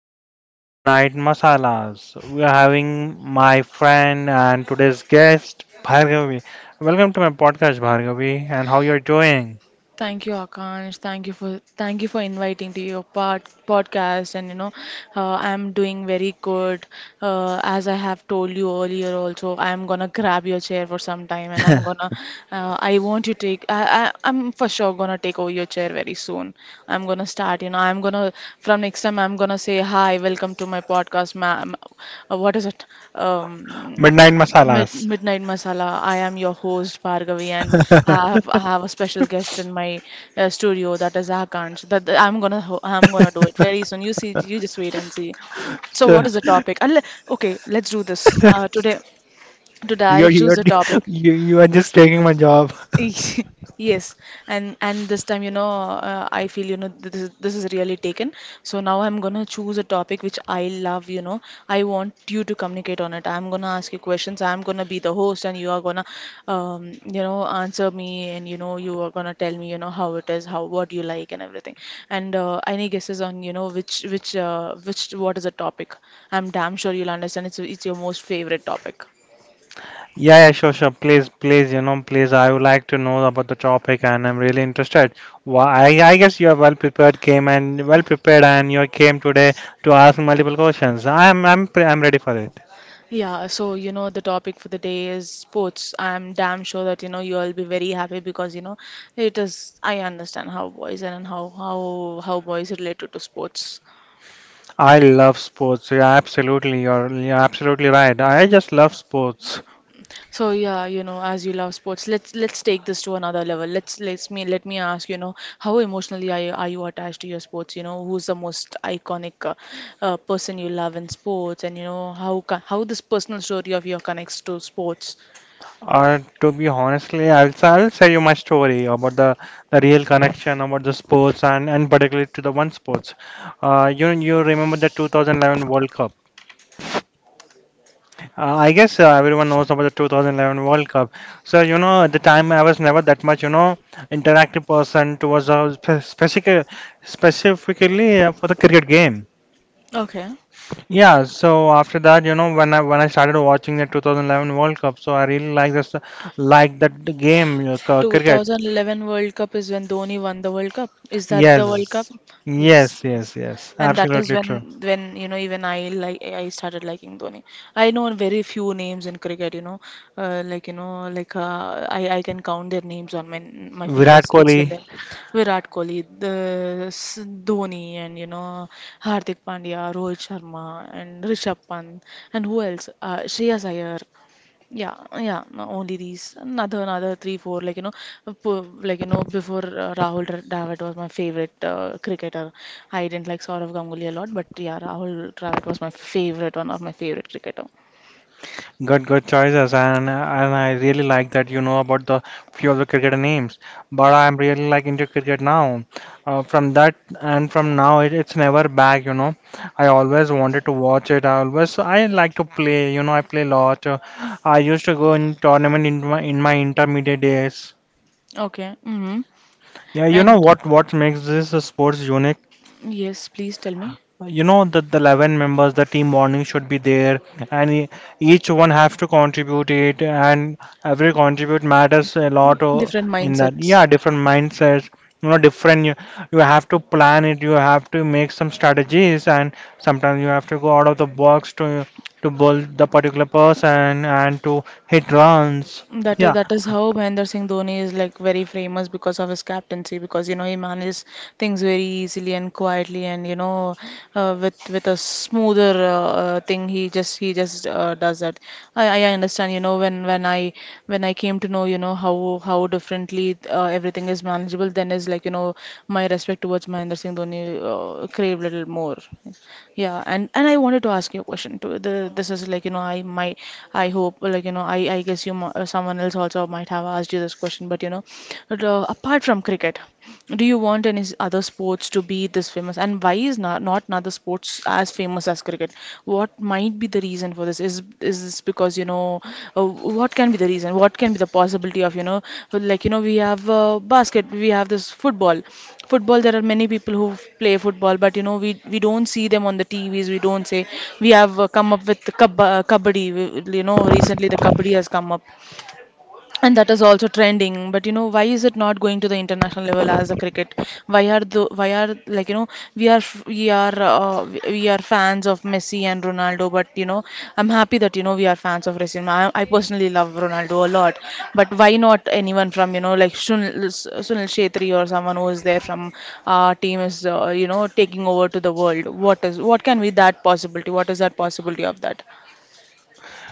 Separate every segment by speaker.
Speaker 1: is Midnight Masalas. We are having my friend and today's guest Bhargavi. Welcome to my podcast Bhargavi and how you're doing?
Speaker 2: Thank you, Akash. Thank you for inviting to your podcast. And I'm doing very good. As I have told you earlier, also I'm gonna grab your chair for some time, and I'm gonna. I want you to take. I'm for sure gonna take over your chair very soon. I'm gonna start. You know, I'm gonna from next time. I'm gonna say hi, welcome to my podcast, ma'am. What is it? Um,
Speaker 1: Midnight
Speaker 2: Mid
Speaker 1: Masalas.
Speaker 2: Midnight Masala. I am your host Bhargavi, and I have I have a special guest in my studio, that is Akansh. That I'm gonna ho I'm gonna do it very soon. You see, you just wait and see. So,
Speaker 1: so
Speaker 2: what is the topic? Okay, let's do this. Today I'll
Speaker 1: you're,
Speaker 2: choose
Speaker 1: you're
Speaker 2: the topic.
Speaker 1: you are just taking my job.
Speaker 2: Yes, and this time, I feel, you know, this is really taken. So now I'm gonna choose a topic which I love, you know. I want you to communicate on it. I'm gonna ask you questions. I'm gonna be the host, and you are gonna, you know, answer me, and you know, you are gonna tell me, you know, how it is, how what you like, and everything. And any guesses on, you know, which what is the topic? I'm damn sure you'll understand. It's your most favorite topic.
Speaker 1: Yeah, yeah, sure, sure. Please, please, please. I would like to know about the topic, and I'm really interested. Why? I guess you are well prepared, came and well prepared, and you came today to ask multiple questions. I'm ready for it.
Speaker 2: Yeah, so you know, the topic for the day is sports. I'm damn sure that you know you all be very happy because you know it is. I understand how boys and how boys related to sports.
Speaker 1: I love sports. Yeah, absolutely. You're absolutely right. I just love sports.
Speaker 2: So yeah, you know, as you love sports, let's take this to another level. Let me ask, you know, how emotionally are you attached to your sports? You know, who's the most iconic person you love in sports, and you know how this personal story of your connects to sports.
Speaker 1: To be honestly, I'll tell you my story about the real connection about the sports and, particularly to the one sports. You remember the 2011 World Cup? I guess everyone knows about the 2011 World Cup. So, you know, at the time I was never that much, you know, interactive person towards specific, specifically for the cricket game.
Speaker 2: Okay.
Speaker 1: Yeah, so after that, you know, when I started watching the 2011 World Cup, so I really like this, like that the game, cricket.
Speaker 2: 2011 World Cup is when Dhoni won the World Cup. Is that the World Cup?
Speaker 1: Yes,
Speaker 2: Yes, yes.
Speaker 1: yes,
Speaker 2: And that is
Speaker 1: absolutely
Speaker 2: when
Speaker 1: true.
Speaker 2: when you know even I like I started liking Dhoni. I know very few names in cricket. You know, like you know, like I can count their names on my
Speaker 1: Virat
Speaker 2: fingers. It's
Speaker 1: Kohli.
Speaker 2: like that. Virat Kohli, the Dhoni, and you know Hardik Pandya, Rohit Sharma, and Rishabh Pant, and who else? Shreyas Iyer. Yeah, yeah, no, only these. Another three, four, like you know, like you know, before Dravid was my favorite cricketer. I didn't like Saurav Ganguly a lot, but yeah, Rahul Dravid was my favorite, one of my favorite cricketer.
Speaker 1: Good, good choices, and I really like that you know about the few of the cricketer names. But I'm really like into cricket now. From that and from now, it's never back. You know, I always wanted to watch it. I like to play. You know, I play a lot. I used to go in tournament in my intermediate days.
Speaker 2: Okay, mm-hmm.
Speaker 1: Yeah, you know
Speaker 2: And
Speaker 1: what makes this sport unique?
Speaker 2: yes, please tell me
Speaker 1: You know that the 11 members, the team bonding should be there, and each one has to contribute it, and every contribute matters a lot,
Speaker 2: different
Speaker 1: in that.
Speaker 2: mindsets.
Speaker 1: Yeah, different mindsets, you know. Different, you have to plan it, you have to make some strategies, and sometimes you have to go out of the box to build the particular person and to hit runs.
Speaker 2: That is,
Speaker 1: Yeah,
Speaker 2: that is how Mahendra Singh Dhoni is like very famous because of his captaincy, because you know he manages things very easily and quietly, and you know with a smoother thing he just does that. I understand you know when I came to know, you know, how differently everything is manageable. Then is like you know my respect towards Mahendra Singh Dhoni craved a little more. Yeah, and I wanted to ask you a question too. The this is like you know I might I hope like you know I guess someone else also might have asked you this question, but you know, but, apart from cricket. Do you want any other sports to be this famous? And why is not another sports as famous as cricket? What might be the reason for this? Is this because you know what can be the reason? What can be the possibility of you know like you know we have we have this football. Football, there are many people who play football, but you know we don't see them on the T V's. We don't say we have come up with the kabaddi. You know recently the kabaddi has come up, and that is also trending, but you know why is it not going to the international level as a cricket? Why are the why are like you know we are f- we are fans of Messi and Ronaldo, but you know I'm happy that you know we are fans of Messi. I personally love Ronaldo a lot, but why not anyone from you know like Sunil Shetri, or someone who is there from our team is you know taking over to the world? What is what can be that possibility, what is that possibility of that?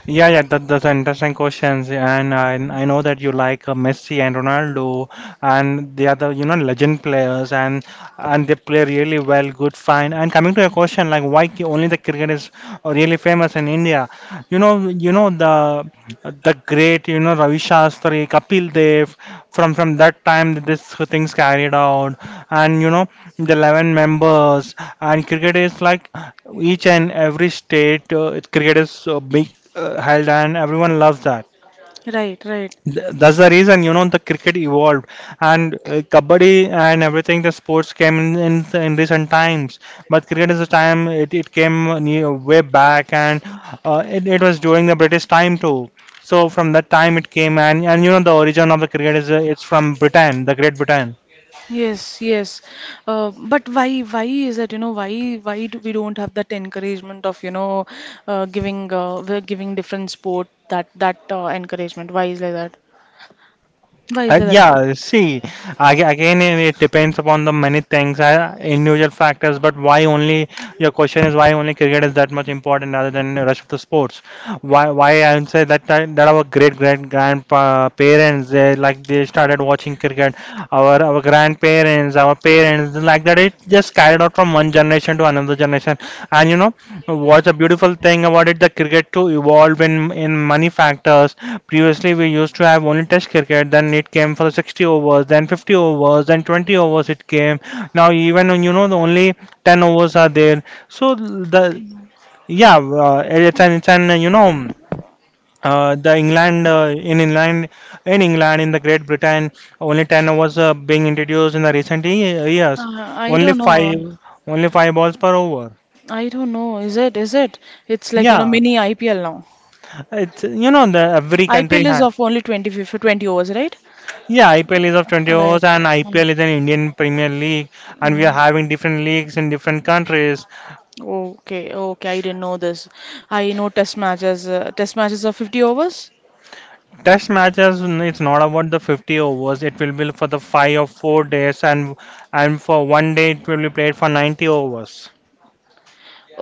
Speaker 1: Yeah, yeah, that, that's an interesting questions, and I know that you like Messi and Ronaldo, and they are the, you know, legend players, and they play really well, good, fine. And coming to your question, like only the cricket is really famous in India? You know, the great, you know, Ravi Shastri, Kapil Dev, from that time that this things carried out, and you know the 11 members, and cricket is like each and every state, cricket is big held, and everyone loves that.
Speaker 2: Right, right.
Speaker 1: That's the reason you know the cricket evolved, and kabaddi and everything, the sports came in, in recent times. But cricket is the time it came near, way back, and it was during the British time too. So from that time it came, and you know the origin of the cricket is it's from Britain, the Great Britain.
Speaker 2: Yes, yes. Why is that, you know, why do we don't have that encouragement of, you know, we're giving different sport that, encouragement? Why is like that? Why is like that?
Speaker 1: Yeah, see, again, it depends upon the many things, individual factors. But why only your question is why only cricket is that much important other than the rest of the sports? Why? Why I would say that our great great grandparents, they started watching cricket. Our grandparents, our parents, like that, it just carried out from one generation to another generation. And you know what's a beautiful thing about it? The cricket too evolved in many factors. Previously we used to have only test cricket, then it came for the 60 overs, then 50 overs, then 20 overs it came. Now even, when you know, the only 10 overs are there. So
Speaker 2: I
Speaker 1: the
Speaker 2: know.
Speaker 1: yeah, uh, it's an, you know, the England in England, in the Great Britain, only ten overs being introduced in the recent years.
Speaker 2: I
Speaker 1: Only
Speaker 2: don't know.
Speaker 1: five only five balls per over.
Speaker 2: I don't know. Is it? Is it? It's like, you know,
Speaker 1: Yeah,
Speaker 2: mini IPL now.
Speaker 1: it's, you know, the every
Speaker 2: IPL
Speaker 1: country
Speaker 2: is
Speaker 1: has.
Speaker 2: of only 20, for 20 overs, right?
Speaker 1: Yeah, IPL is of 20
Speaker 2: Right.
Speaker 1: overs, and
Speaker 2: Mm.
Speaker 1: IPL is an Indian Premier League, and we are
Speaker 2: Mhm.
Speaker 1: having different leagues in different countries.
Speaker 2: Okay, okay, I didn't know this. I know test matches. Test matches are 50 overs.
Speaker 1: Test matches, mm, it's not about the 50 overs. It will be for the five or four days, and for one day it will be played for 90 overs.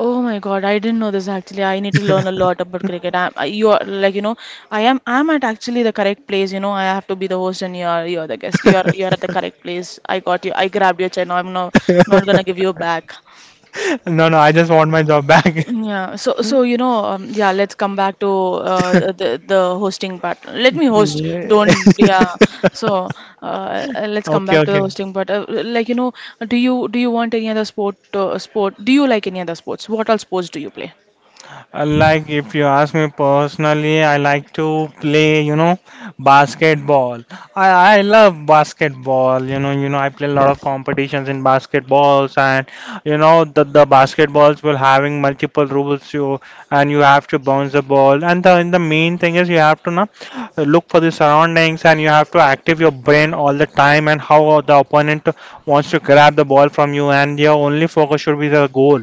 Speaker 2: Oh my God, I didn't know this, actually. I need to learn a lot about cricket. You are like you know, I'm at actually the correct place. You know, I have to be the host, and you're the guest. You're at the correct place. I got you. I grabbed your channel. I'm no, not gonna give you back.
Speaker 1: No, no, I just want my job back.
Speaker 2: Yeah. So so you know, yeah. Let's come back to uh, the the the hosting part. Let me host.
Speaker 1: Yeah.
Speaker 2: Don't yeah. So uh, let's come
Speaker 1: Okay,
Speaker 2: back to the
Speaker 1: okay.
Speaker 2: hosting part. Like you know, do you want any other sport? Do you like any other sports? What all sports do you play?
Speaker 1: Like if you ask me personally, I like to play, you know, basketball. I I love basketball. You know, I play a lot of competitions in basketballs, and you know, the basketballs will having multiple rules. You and you have to bounce the ball, and the main thing is you have to now look for the surroundings, and you have to active your brain all the time, and how the opponent wants to grab the ball from you, and your only focus should be the goal.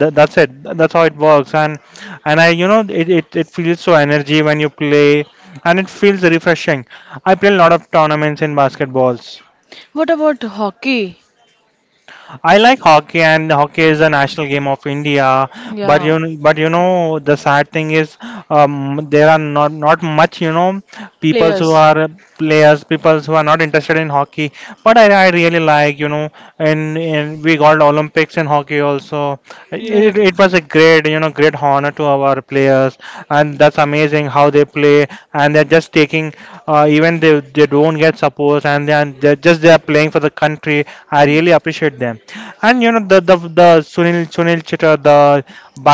Speaker 1: That's it. That's how it works. And I, you know, it feels so energy when you play, and it feels refreshing. I play a lot of tournaments in basketballs.
Speaker 2: What about hockey?
Speaker 1: I like hockey, and hockey is a national game of India. But
Speaker 2: Yeah,
Speaker 1: but you know, the sad thing is, there are not much, you know, people who
Speaker 2: players.
Speaker 1: are players, people who are not interested in hockey. But I really like, you know, and, we got Olympics in hockey also.
Speaker 2: Right.
Speaker 1: It was a great, you know, great honor to our players, and that's amazing how they play. And they're just taking, even they don't get support, and they are they are playing for the country. I really appreciate them. And you know the Sunil Chittor,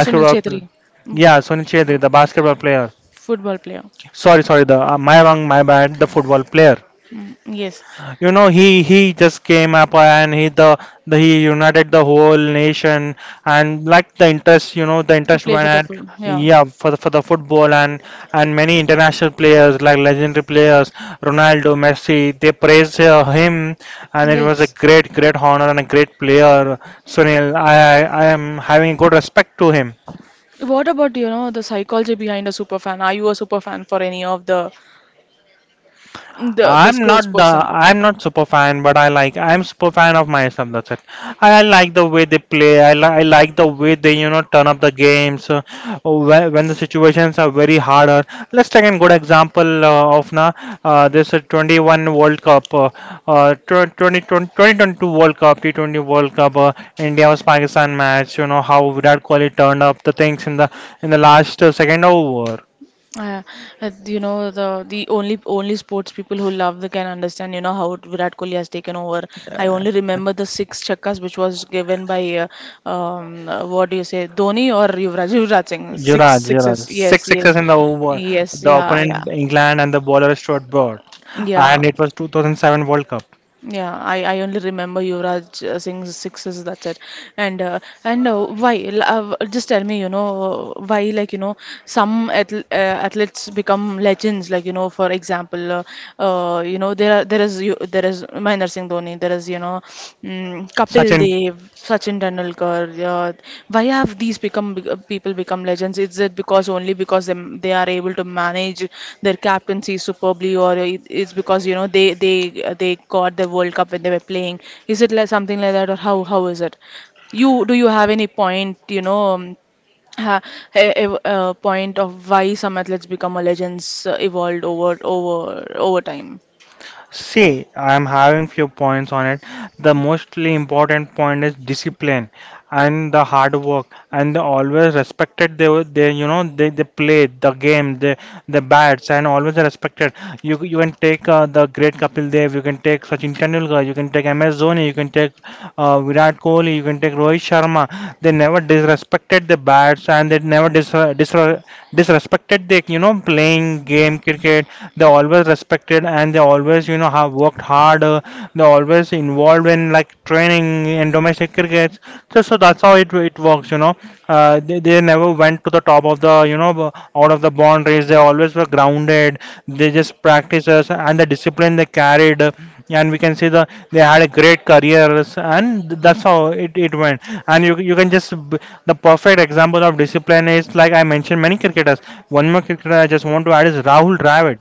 Speaker 2: Sunil Chhetri,
Speaker 1: pl-
Speaker 2: mm,
Speaker 1: yeah, Sunil Chittor, the basketball player.
Speaker 2: football player.
Speaker 1: Sorry, sorry, the my wrong, my bad, the football player.
Speaker 2: Mm, yes.
Speaker 1: You know he just came up, and the he united the whole nation, and like the interest, you know, the
Speaker 2: To
Speaker 1: interest
Speaker 2: play for
Speaker 1: went
Speaker 2: the
Speaker 1: at,
Speaker 2: full, yeah.
Speaker 1: yeah, for the football, and many international players, like legendary players Ronaldo, Messi, they praised him, and it was a
Speaker 2: Yes.
Speaker 1: great great honor and a great player. Sunil, I am having good respect to him.
Speaker 2: What about, you know, the psychology behind a super fan? Are you a super fan for any of the the
Speaker 1: I'm not
Speaker 2: sports
Speaker 1: the,
Speaker 2: person?
Speaker 1: I'm not super fan, but I like, I'm super fan of myself. That's it. I like the way they play. I like the way they, you know, turn up the games, when the situations are very harder. Let's take a good example, of now this 21 World Cup, 2022 World Cup, T20 World Cup, India vs Pakistan match. You know how Virat Kohli turned up the things in the last, second over.
Speaker 2: Uh, you know, the only only sports people who love the can understand you know how Virat Kohli has taken over. I only remember the six chakkas which was given by what do you say, Dhoni or Yuvraj Singh, six
Speaker 1: Yuvraj, Yuvraj.
Speaker 2: sixes? Yes,
Speaker 1: Six
Speaker 2: yes,
Speaker 1: sixes in the over.
Speaker 2: yes,
Speaker 1: The
Speaker 2: yeah, yeah,
Speaker 1: opponent England and the bowler Stuart Broad,
Speaker 2: yeah.
Speaker 1: and it was 2007 World Cup.
Speaker 2: Yeah, I only remember Yuvraj Singh's sixes, that's it. Just tell me, you know, why like you know some athletes become legends. Like you know, for example, you know there are there is you, there is Mahendra Singh Dhoni, there is you know mm, Kapil
Speaker 1: Sachin.
Speaker 2: Dev, Sachin Tendulkar. Yeah. Why have these people become legends? Is it because only because they are able to manage their captaincy superbly, or it's because you know they got the World Cup when they were playing? Is it like something like that, or how is it? You do you have any point you know? Ha- a point of why some athletes become a legends evolved over time.
Speaker 1: See, I'm having few points on it. The mostly important point is discipline and the hard work, and they always respected. They, you know, they played the game, the bats, and always respected. You can take, the great Kapil Dev, you can take Sachin Tendulkar, you can take MS Dhoni, you can take Virat Kohli, you can take Rohit Sharma. They never disrespected the bats, and they never disrespected cricket. They, you know, playing game cricket, they always respected, and they always, you know, have worked hard. They always involved in like training and domestic crickets. So that's how it works, you know. They never went to the top of the, you know, out of the boundaries. They always were grounded. They just practices and the discipline they carried, yeah, and we can say they had a great careers, and that's how it went. And you can just, the perfect example of discipline is, like I mentioned, many cricketers. One more cricketer I just want to add is Rahul Dravid.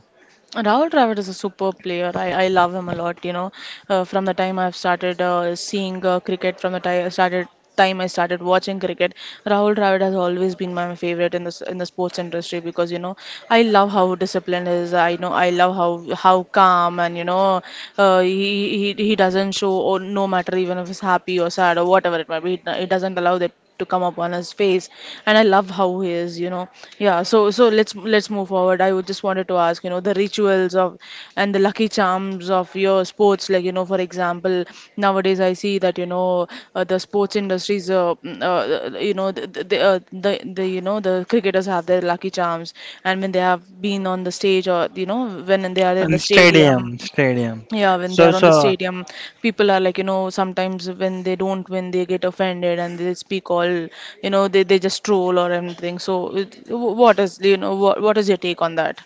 Speaker 2: Rahul Dravid is a superb player. I love him a lot. You know, from the time I've started seeing cricket, from the time I started watching cricket, Rahul Dravid has always been my favorite in this in the sports industry, because you know I love how disciplined he is. I know I love how calm, and you know he doesn't show, or no matter even if he's happy or sad or whatever it might be, he doesn't allow that to come up on his face. And I love how he is, you know. Yeah, so so let's move forward. I would just wanted to ask, you know, the rituals of and the lucky charms of your sports. Like you know, for example, nowadays I see that you know the sports industries you know the you know the cricketers have their lucky charms, and when they have been on the stage, or you know when they are in the
Speaker 1: And
Speaker 2: stadium,
Speaker 1: stadium stadium.
Speaker 2: yeah, when they
Speaker 1: so
Speaker 2: are on the
Speaker 1: so
Speaker 2: stadium, people are like, you know, sometimes when they don't win, they get offended, and they speak all, you know, they just troll or anything. So, what is, you know, what is your take on that?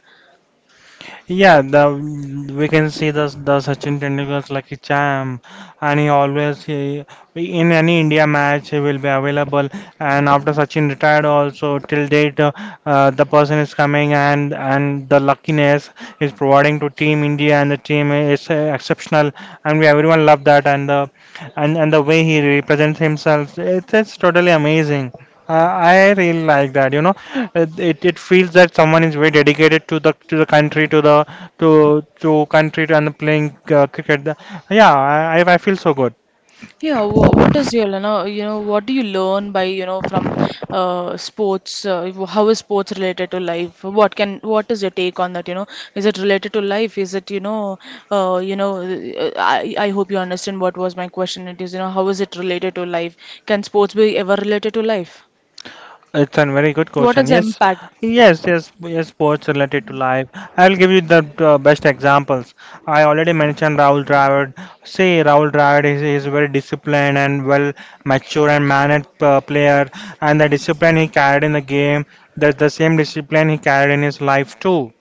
Speaker 1: Yeah, the we can see the Sachin Tendulkar's lucky charm, and he, in any India match, he will be available. And after Sachin retired also, till date, the person is coming, and the luckiness is providing to Team India, and the team is exceptional, and we, everyone, love that, and the way he represents himself, it's totally amazing. I really like that, you know. It feels that someone is very dedicated to the country, to the to country to, and the playing cricket. Yeah, I feel so good.
Speaker 2: What is your, what do you learn by, from sports? How is sports related to life? What can, what is your take on that? Is it related to life? Is it, you know, I hope you understand what was my question. It is, you know, how is it related to life? Can sports be ever related to life?
Speaker 1: It's a very good
Speaker 2: What
Speaker 1: question.
Speaker 2: is the
Speaker 1: Yes,
Speaker 2: impact?
Speaker 1: yes, yes, yes. sports related to life. I will give you the best examples. I already mentioned Rahul Dravid. Say Rahul Dravid is a very disciplined and well mature and mannered player, and the discipline he carried in the game, that's the same discipline he carried in his life too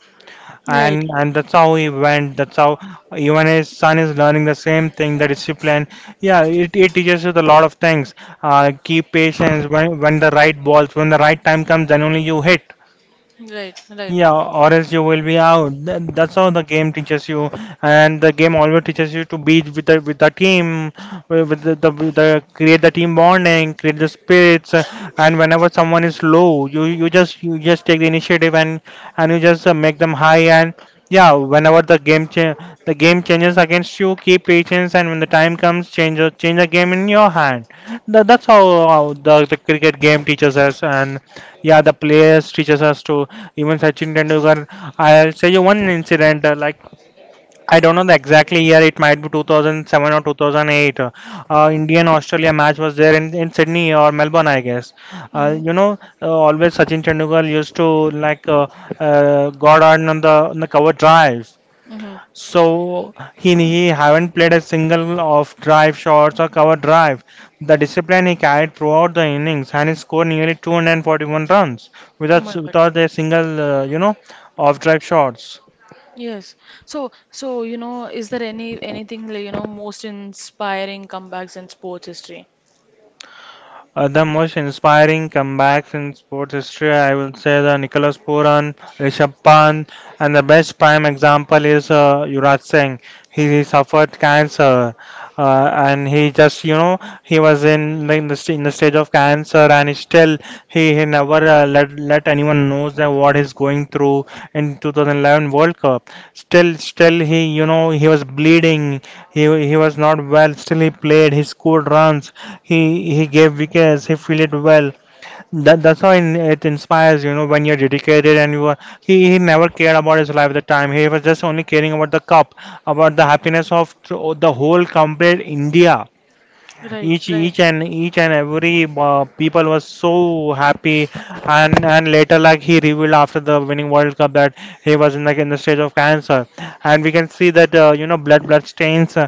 Speaker 2: Right.
Speaker 1: and that's how he went. That's how even his son is learning the same thing, the discipline. Yeah, it teaches you a lot of things. Keep patience when the right balls, when the right time comes, then only you hit.
Speaker 2: Right, right.
Speaker 1: Yeah, or else you will be out. That's how the game teaches you, and the game always teaches you to be with the team, with the create the team bonding, create the spirits, and whenever someone is low, you just take the initiative and you just make them high and yeah, whenever the game cha- the game changes against you, keep patience, and when the time comes, change the game in your hand. That's how, the cricket game teaches us, and yeah, the players teaches us to. Even Sachin Tendulkar, I'll say you one incident, like I don't know the exactly year, it might be 2007 or 2008. Indian Australia match was there in Sydney or Melbourne, I guess.
Speaker 2: Mm-hmm.
Speaker 1: Always Sachin Tendulkar used to like got on the cover drives. So he haven't played a single of drive shots or cover drive. The discipline he carried throughout the innings and he scored nearly 241 runs
Speaker 2: Mm-hmm. Oh
Speaker 1: without
Speaker 2: my God.
Speaker 1: without a single you know off drive shots.
Speaker 2: Yes. So, so you know, is there anything like, you know, most inspiring comebacks in sports history?
Speaker 1: The most inspiring comebacks in sports history, I will say the Nicholas Puran, Rishabh Pant, and the best prime example is Yuvraj Singh. He suffered cancer, and he just you know he was in the stage of cancer, and he still he never let anyone knows that what he's going through in 2011 World Cup. Still, he you know he was bleeding. He was not well, still he played, he scored runs, he gave wickets, he fielded well. That's how it inspires, you know, when you're dedicated and you are. He never cared about his life at the time. He was just only caring about the cup, about the happiness of the whole complete India
Speaker 2: Right, right.
Speaker 1: each and every people was so happy and later like he revealed after the winning World Cup that he was in like in the stage of cancer and we can see that you know blood stains uh,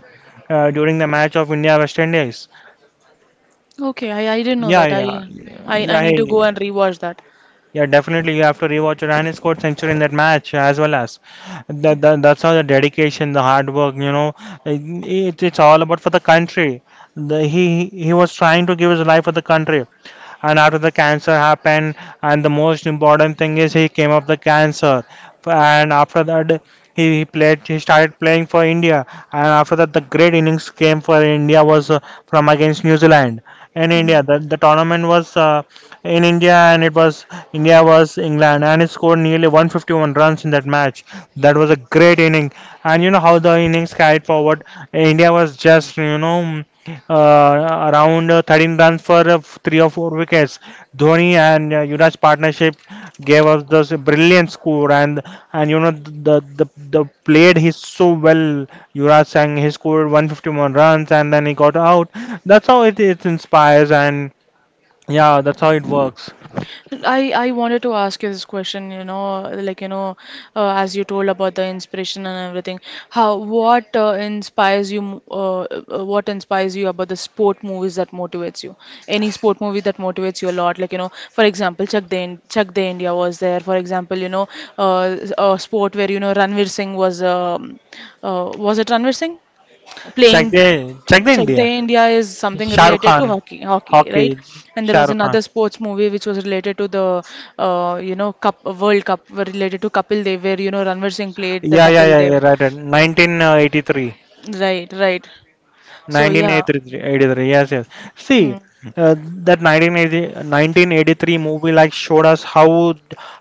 Speaker 1: uh, during the match of India West Indies.
Speaker 2: Okay, I didn't know
Speaker 1: Yeah,
Speaker 2: that. I, I I
Speaker 1: yeah
Speaker 2: need to
Speaker 1: he,
Speaker 2: go and rewatch that.
Speaker 1: yeah, definitely you have to rewatch it, and he scored century in that match as well as that's how the dedication, the hard work, you know, it, it's all about for the country. The, he he was trying to give his life for the country, and after the cancer happened, and the most important thing is he came up the cancer, and after that he played he started playing for India, and after that the great innings came for India was from against New Zealand in India. The tournament was in India and it was India was England and it scored nearly 151 runs in that match. That was a great inning, and you know how the innings carried forward. India was just you know around 13 runs for three or four wickets. Dhoni and Yuvraj's partnership gave us this brilliant score, and you know the played he so well. Yuvraj Singh he scored 151 runs and then he got out. That's how it inspires and. Yeah, that's how it works.
Speaker 2: I wanted to ask you this question, you know, like you know, as you told about the inspiration and everything, how what inspires you, what inspires you about the sport movies that motivates you? Any sport movie that motivates you a lot, like you know, for example, Chak De India was there. For example, you know, a sport where you know Ranveer Singh was it Ranveer Singh playing?
Speaker 1: Check the
Speaker 2: Check
Speaker 1: India.
Speaker 2: the India is something
Speaker 1: Shah Rukh
Speaker 2: related to
Speaker 1: Khan,
Speaker 2: hockey, hockey, right?
Speaker 1: hockey.
Speaker 2: And there
Speaker 1: Shah
Speaker 2: was
Speaker 1: Rukh Khan.
Speaker 2: another sports movie which was related to the, you know, cup World Cup, were related to Kapil Dev, where you know Ranveer Singh played the
Speaker 1: Yeah, yeah,
Speaker 2: Kapil
Speaker 1: yeah, yeah.
Speaker 2: Dev.
Speaker 1: right, right, 1983.
Speaker 2: Right, right. So yeah.
Speaker 1: 1983, yes, yes.
Speaker 2: Hmm.
Speaker 1: see uh, that 1983 movie like showed us how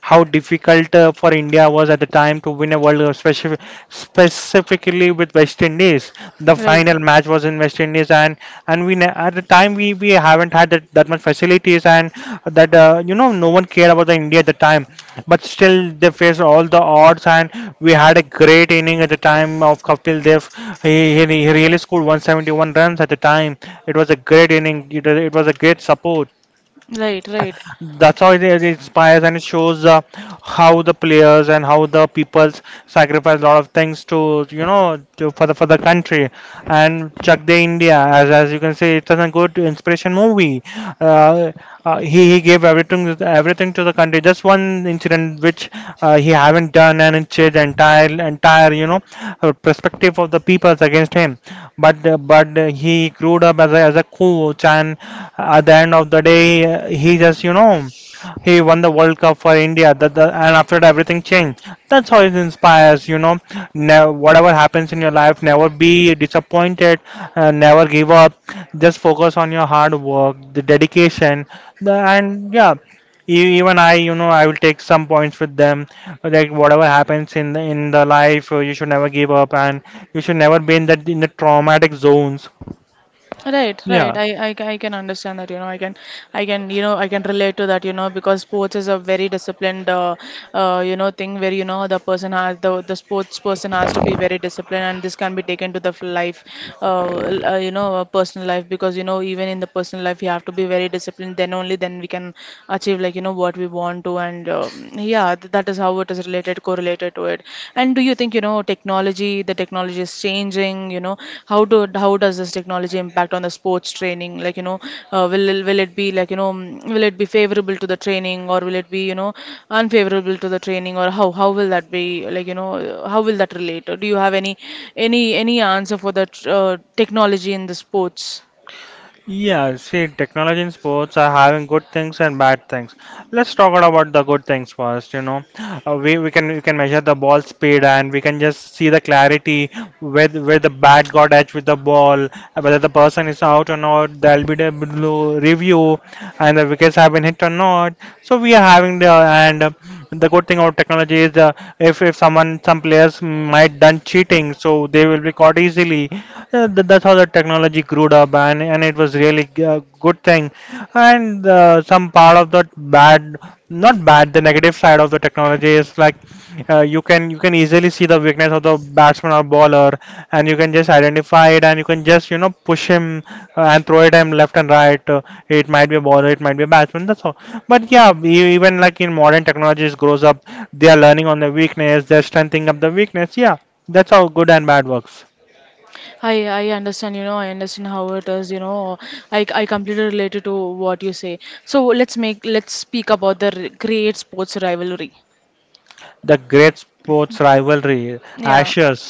Speaker 1: difficult for India was at the time to win a World Cup specifically with West Indies. The final match was in West Indies, and at the time we haven't had that much facilities and that you know no one cared about the India at the time, but still they faced all the odds, and we had a great inning at the time of Kapil Dev. He really scored 171 runs at the time. It was a great inning. It,
Speaker 2: Right.
Speaker 1: it was a great support.
Speaker 2: Right, right,
Speaker 1: That's how it inspires and it shows how the players and how the peoples sacrifice a lot of things to you know to, for the country. And Chak De India, as you can see, it's a good inspiration movie. Uh, he gave everything to the country. Just one incident which he haven't done, and it changed the entire entire you know perspective of the peoples against him, but he grew up as a coach, and at the end of the day, he just you know he won the World Cup for India. And after that, everything changed. That's how it inspires. You know, whatever happens in your life, never be disappointed, never give up. Just focus on your hard work, the dedication, and yeah. Even I, you know, I will take some points with them. Like whatever happens in the life, you should never give up. And you should never be in that in the traumatic zones.
Speaker 2: right, right.
Speaker 1: Yeah,
Speaker 2: I can understand that, you know, I can, you know, I can relate to that, you know, because sports is a very disciplined, you know, thing where, you know, the person has, the sports person has to be very disciplined and this can be taken to the life, you know, personal life because, you know, even in the personal life, you have to be very disciplined. Then only then we can achieve like, you know, what we want to. And yeah, th that is how it is related, correlated to it? And do you think, you know, technology, the technology is changing, you know, how do how does this technology impact on the sports training? Like, you know, will it, be like, you know, will it be favorable to the training or will it be, you know, unfavorable to the training or how will that be like, you know, how will that relate? Or do you have any answer for that technology in the sports?
Speaker 1: yeah. See, technology in sports are having good things and bad things. Let's talk about the good things first. You know, we can measure the ball speed and we can just see the clarity where the bat got edge with the ball, whether the person is out or not. There'll be the blue review and the wickets have been hit or not. So we are having the and. The good thing about technology is if someone some players might done cheating, so they will be caught easily. That's how the technology grew up, and it was really a good thing. And some part of the bad, not bad, the negative side of the technology is like you can easily see the weakness of the batsman or bowler and you can just identify it and you can just you know push him, and throw it him left and right. It might be a bowler, it might be a batsman, that's all. But yeah, even like in modern technologies grows up, they are learning on the weakness, they're strengthening up the weakness. Yeah, that's how good and bad works.
Speaker 2: I understand, you know, I understand how it is, you know. I completely related to what you say. So let's make, let's speak about the great sports rivalry.
Speaker 1: The great sports rivalry:
Speaker 2: Yeah,
Speaker 1: Ashes,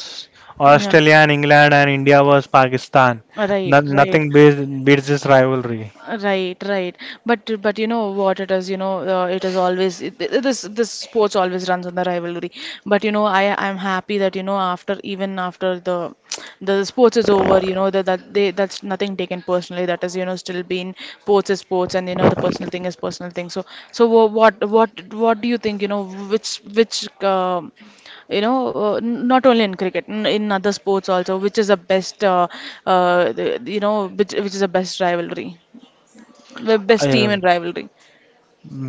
Speaker 2: yeah.
Speaker 1: Australia and England, and India versus Pakistan.
Speaker 2: Right,
Speaker 1: No,
Speaker 2: right.
Speaker 1: nothing beats, beats this rivalry.
Speaker 2: Right, right. But you know what it is, you know, it is always this this sports always runs on the rivalry. But you know, I'm happy that you know after even after the sports is over, you know that that they that's nothing taken personally. That is you know still being sports is sports, and you know the personal thing is personal thing. So so what do you think? You know, which you know not only in cricket in other sports also which is the best uh, the, you know which is the best rivalry? The best team
Speaker 1: Yeah.
Speaker 2: in rivalry.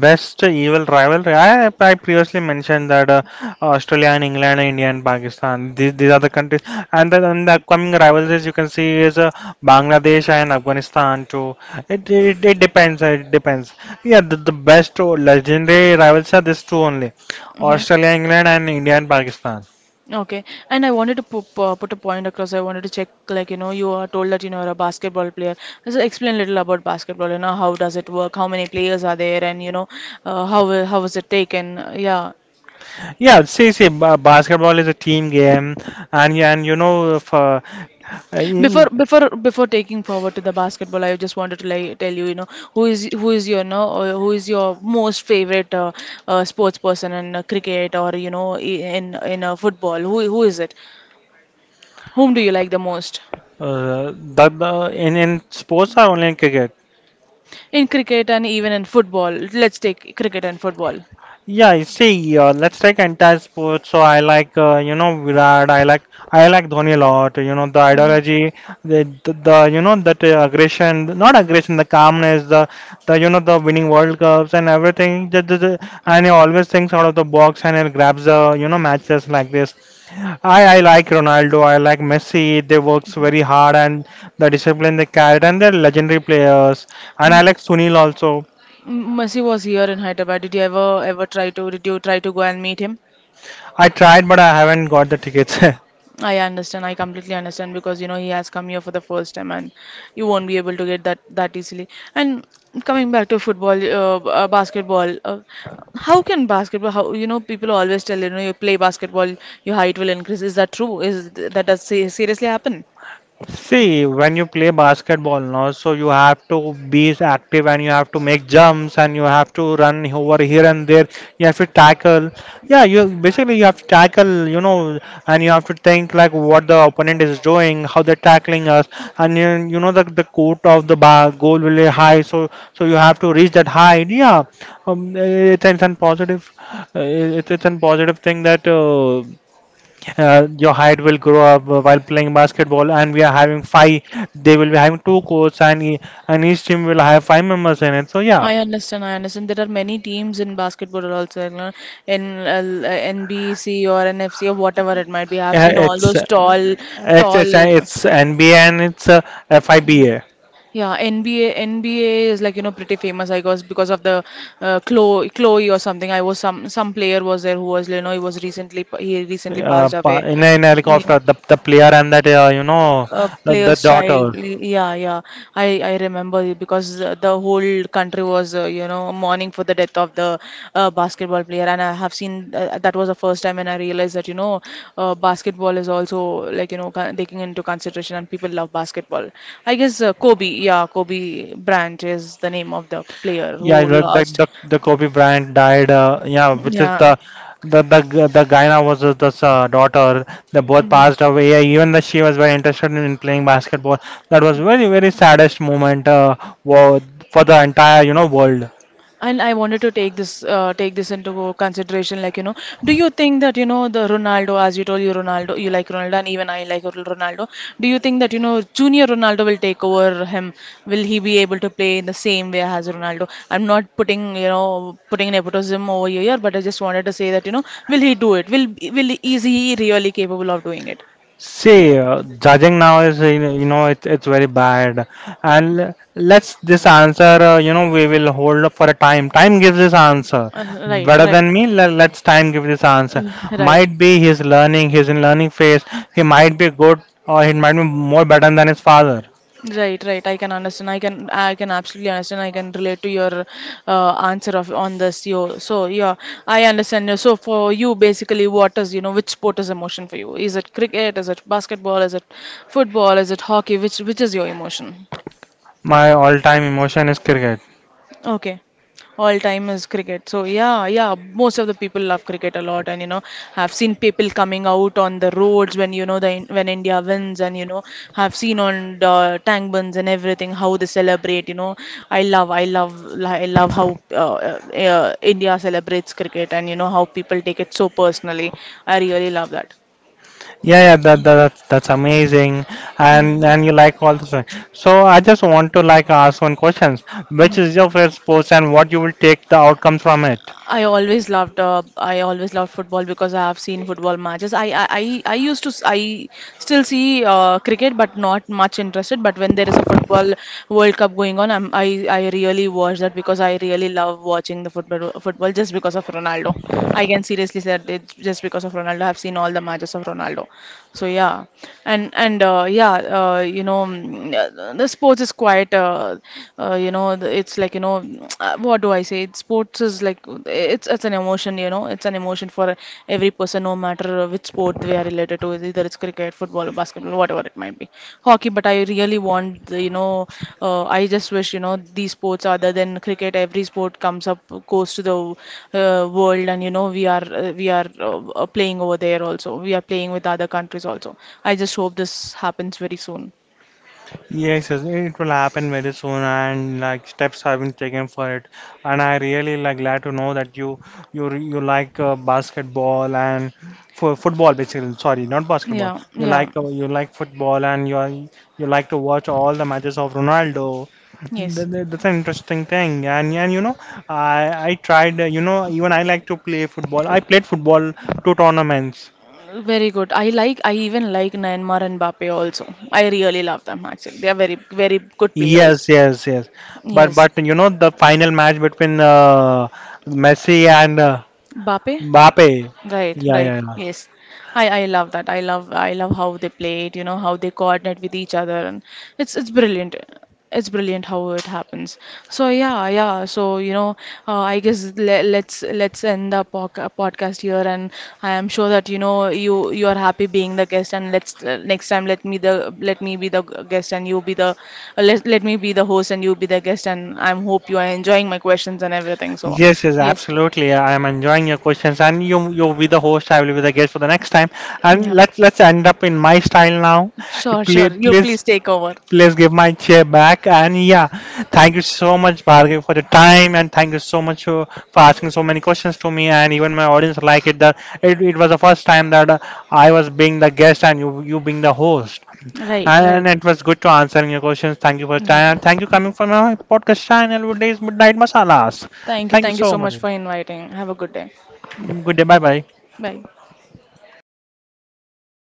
Speaker 1: Best evil rivalry. I previously mentioned that Australia and England, India and Pakistan. These are the countries, and then and the upcoming rivalries you can see is Bangladesh and Afghanistan too. It depends. It depends. Yeah, the best or legendary rivals are these two only:
Speaker 2: Hmm.
Speaker 1: Australia, England, and India and Pakistan.
Speaker 2: Okay. And I wanted to put a point across. I wanted to check, like, you know, you are told that, you know, you're a basketball player. So explain a little about basketball, you know, how does it work? How many players are there? And, you know, how was it taken? Yeah.
Speaker 1: Yeah, basketball is a team game, and you know, if,
Speaker 2: Before
Speaker 1: in
Speaker 2: before before taking forward to the basketball, I just wanted to like tell you, you know, who is your no or who is your most favorite sports person in cricket or, you know, in football? Who is it? Whom do you like the most?
Speaker 1: the in sports are only in cricket.
Speaker 2: In cricket and even in football. Let's take cricket and football.
Speaker 1: Yeah, you see, let's take entire sports. So I like, you know, Virat. I like Dhoni a lot. You know, the
Speaker 2: Mm.
Speaker 1: ideology, the you know, that not aggression, the calmness, you know, the winning World Cups and everything. And he always thinks out of the box and he grabs the, you know, matches like this. I like Ronaldo. I like Messi. They works very hard and the discipline they carried and they're legendary players. And I
Speaker 2: Um,
Speaker 1: like Sunil also.
Speaker 2: Messi was here in Hyderabad. Did you ever ever try to did you try to go and meet him?
Speaker 1: I tried, but I haven't got the tickets.
Speaker 2: I understand. I completely understand because you know he has come here for the first time and you won't be able to get that that easily. And coming back to football, basketball, how can basketball? How you know people always tell you know you play basketball, your height will increase. Is that true? Is th- that does seriously happen?
Speaker 1: See, when you play basketball now, so you have to be active and you have to make jumps and you have to run over here and there. You have to tackle. Yeah, you basically you have to tackle, you know, and you have to think like what the opponent is doing, how they're tackling us, and you know the court of the bar goal will be high, so you have to reach that height. Yeah, it's an positive thing that your height will grow up while playing basketball, and we are having five they will be having 2 courts and and each team will have 5 members in it. So yeah,
Speaker 2: I understand. I understand. There are many teams in basketball also, you know, in NBC or NFC or whatever it might be. I've
Speaker 1: uh,
Speaker 2: seen all
Speaker 1: it's
Speaker 2: those
Speaker 1: uh,
Speaker 2: tall, tall.
Speaker 1: it's NBA and it's FIBA.
Speaker 2: Yeah, NBA. NBA is like you know pretty famous, I guess, because of the Chloe, Chloe or something. I was some player was there who was you know he recently passed away.
Speaker 1: In a, in a
Speaker 2: Yeah.
Speaker 1: helicopter the player and that you know
Speaker 2: Uh,
Speaker 1: the
Speaker 2: player's
Speaker 1: daughter.
Speaker 2: child. Yeah, yeah. I remember it because the whole country was you know mourning for the death of the basketball player, and I have seen that was the first time when I realized that you know basketball is also like you know taking into consideration, and people love basketball. I guess Kobe, yeah, Kobe Bryant is the name of the player who
Speaker 1: Yeah, the the
Speaker 2: lost.
Speaker 1: the, the Kobe Bryant died. Yeah, which is
Speaker 2: Yeah.
Speaker 1: the the Guyana was the, daughter. They both
Speaker 2: Mm.
Speaker 1: passed away. Yeah, even though she was very interested in playing basketball, that was very very saddest moment wo- for the entire you know world.
Speaker 2: And I wanted to take this into consideration. Like, you know, do you think that, you know, the Ronaldo, as you told you Ronaldo, you like Ronaldo, and even I like Ronaldo. Do you think that, you know, junior Ronaldo will take over him? Will he be able to play in the same way as Ronaldo? I'm not putting, you know, putting nepotism over here, but I just wanted to say that, you know, will he do it? Will is he really capable of doing it?
Speaker 1: See, judging now is you know, it's very bad, and let's this answer you know we will hold up for a time. Time gives this answer
Speaker 2: Uh, right,
Speaker 1: better
Speaker 2: right.
Speaker 1: than me. Let's time give this answer.
Speaker 2: Right.
Speaker 1: Might be he's learning, he's in learning phase. He might be good or he might be more better than his father.
Speaker 2: Right, right. I can understand. I can absolutely understand. I can relate to your answer of on this. Yo, so yeah, I understand you. So for you, basically, what is you know which sport is emotion for you? Is it cricket? Is it basketball? Is it football? Is it hockey? Which is your emotion?
Speaker 1: My all-time emotion is cricket.
Speaker 2: Okay. All time is cricket. So yeah, yeah, most of the people love cricket a lot and you know, I've seen people coming out on the roads when you know the when India wins and you know, I've seen on the tank buns and everything how they celebrate, you know. I love how India celebrates cricket and you know how people take it so personally. I really love that.
Speaker 1: Yeah, yeah, that's amazing, and you like all this thing. So I just want to like ask one question, which
Speaker 2: Mm.
Speaker 1: is your first post and what you will take the outcome from it.
Speaker 2: I always loved football because I have seen football matches. I used to I still see cricket but not much interested. But when there is a football World Cup going on, I really watch that because I really love watching the football just because of Ronaldo. I can seriously say that it's just because of Ronaldo. I've seen all the matches of Ronaldo. So yeah, and you know, the sports is quite, you know, it's like you know, what do I say? Sports is like it's an emotion, you know, it's an emotion for every person, no matter which sport they are related to, either it's cricket, football, or basketball, whatever it might be, hockey. But I really want the, you know, I just wish you know these sports other than cricket every sport comes up, goes to the world and you know we are playing over there also, we are playing with other countries also. I just hope this happens very soon.
Speaker 1: Yes, yes, it will happen very soon, and like steps have been taken for it. And I really like glad to know that you like basketball and for football basically. Sorry, not basketball.
Speaker 2: Yeah, yeah,
Speaker 1: You like football, and you are, you like to watch all the matches of Ronaldo.
Speaker 2: yes.
Speaker 1: That's an interesting thing, and you know, I tried. You know, even I like to play football. I played football two tournaments.
Speaker 2: Very good. I like I even like Neymar and Mbappe also. I really love them, actually they are very good players.
Speaker 1: Yes, yes, yes.
Speaker 2: Yes.
Speaker 1: But you know the final match between Messi and
Speaker 2: Mbappe.
Speaker 1: Mbappe.
Speaker 2: Right,
Speaker 1: Yeah,
Speaker 2: right.
Speaker 1: yeah, yeah.
Speaker 2: Yes. I love that. I love how they play it, you know, how they coordinate with each other and it's brilliant. It's brilliant how it happens. So yeah, yeah. So you know, I guess le let's end the poc podcast here, and I am sure that you know you are happy being the guest, and let's next time let me be the guest, and you be the let let me be the host, and you be the guest, and I'm hope you are enjoying my questions and everything. So
Speaker 1: Yes, yes,
Speaker 2: yes,
Speaker 1: absolutely. I am enjoying your questions, and you be the host. I will be the guest for the next time. And
Speaker 2: yeah.
Speaker 1: let's end up in my style now.
Speaker 2: Sure,
Speaker 1: Please,
Speaker 2: sure. You
Speaker 1: please.
Speaker 2: please take over.
Speaker 1: Please give my chair back. And yeah, thank you so much, Bhargav, for the time, and thank you so much for asking so many questions to me, and even my audience like it. That it was the first time that I was being the guest and you being the host,
Speaker 2: Right,
Speaker 1: and
Speaker 2: right.
Speaker 1: it was good to answering your questions. Thank you for your time. Thank you coming from my podcast channel, Days Midnight Masalas.
Speaker 2: Thank you.
Speaker 1: Thank you
Speaker 2: Thank you
Speaker 1: so
Speaker 2: so
Speaker 1: much.
Speaker 2: much for inviting. Have a good day.
Speaker 1: Good day. Bye bye.
Speaker 2: Bye.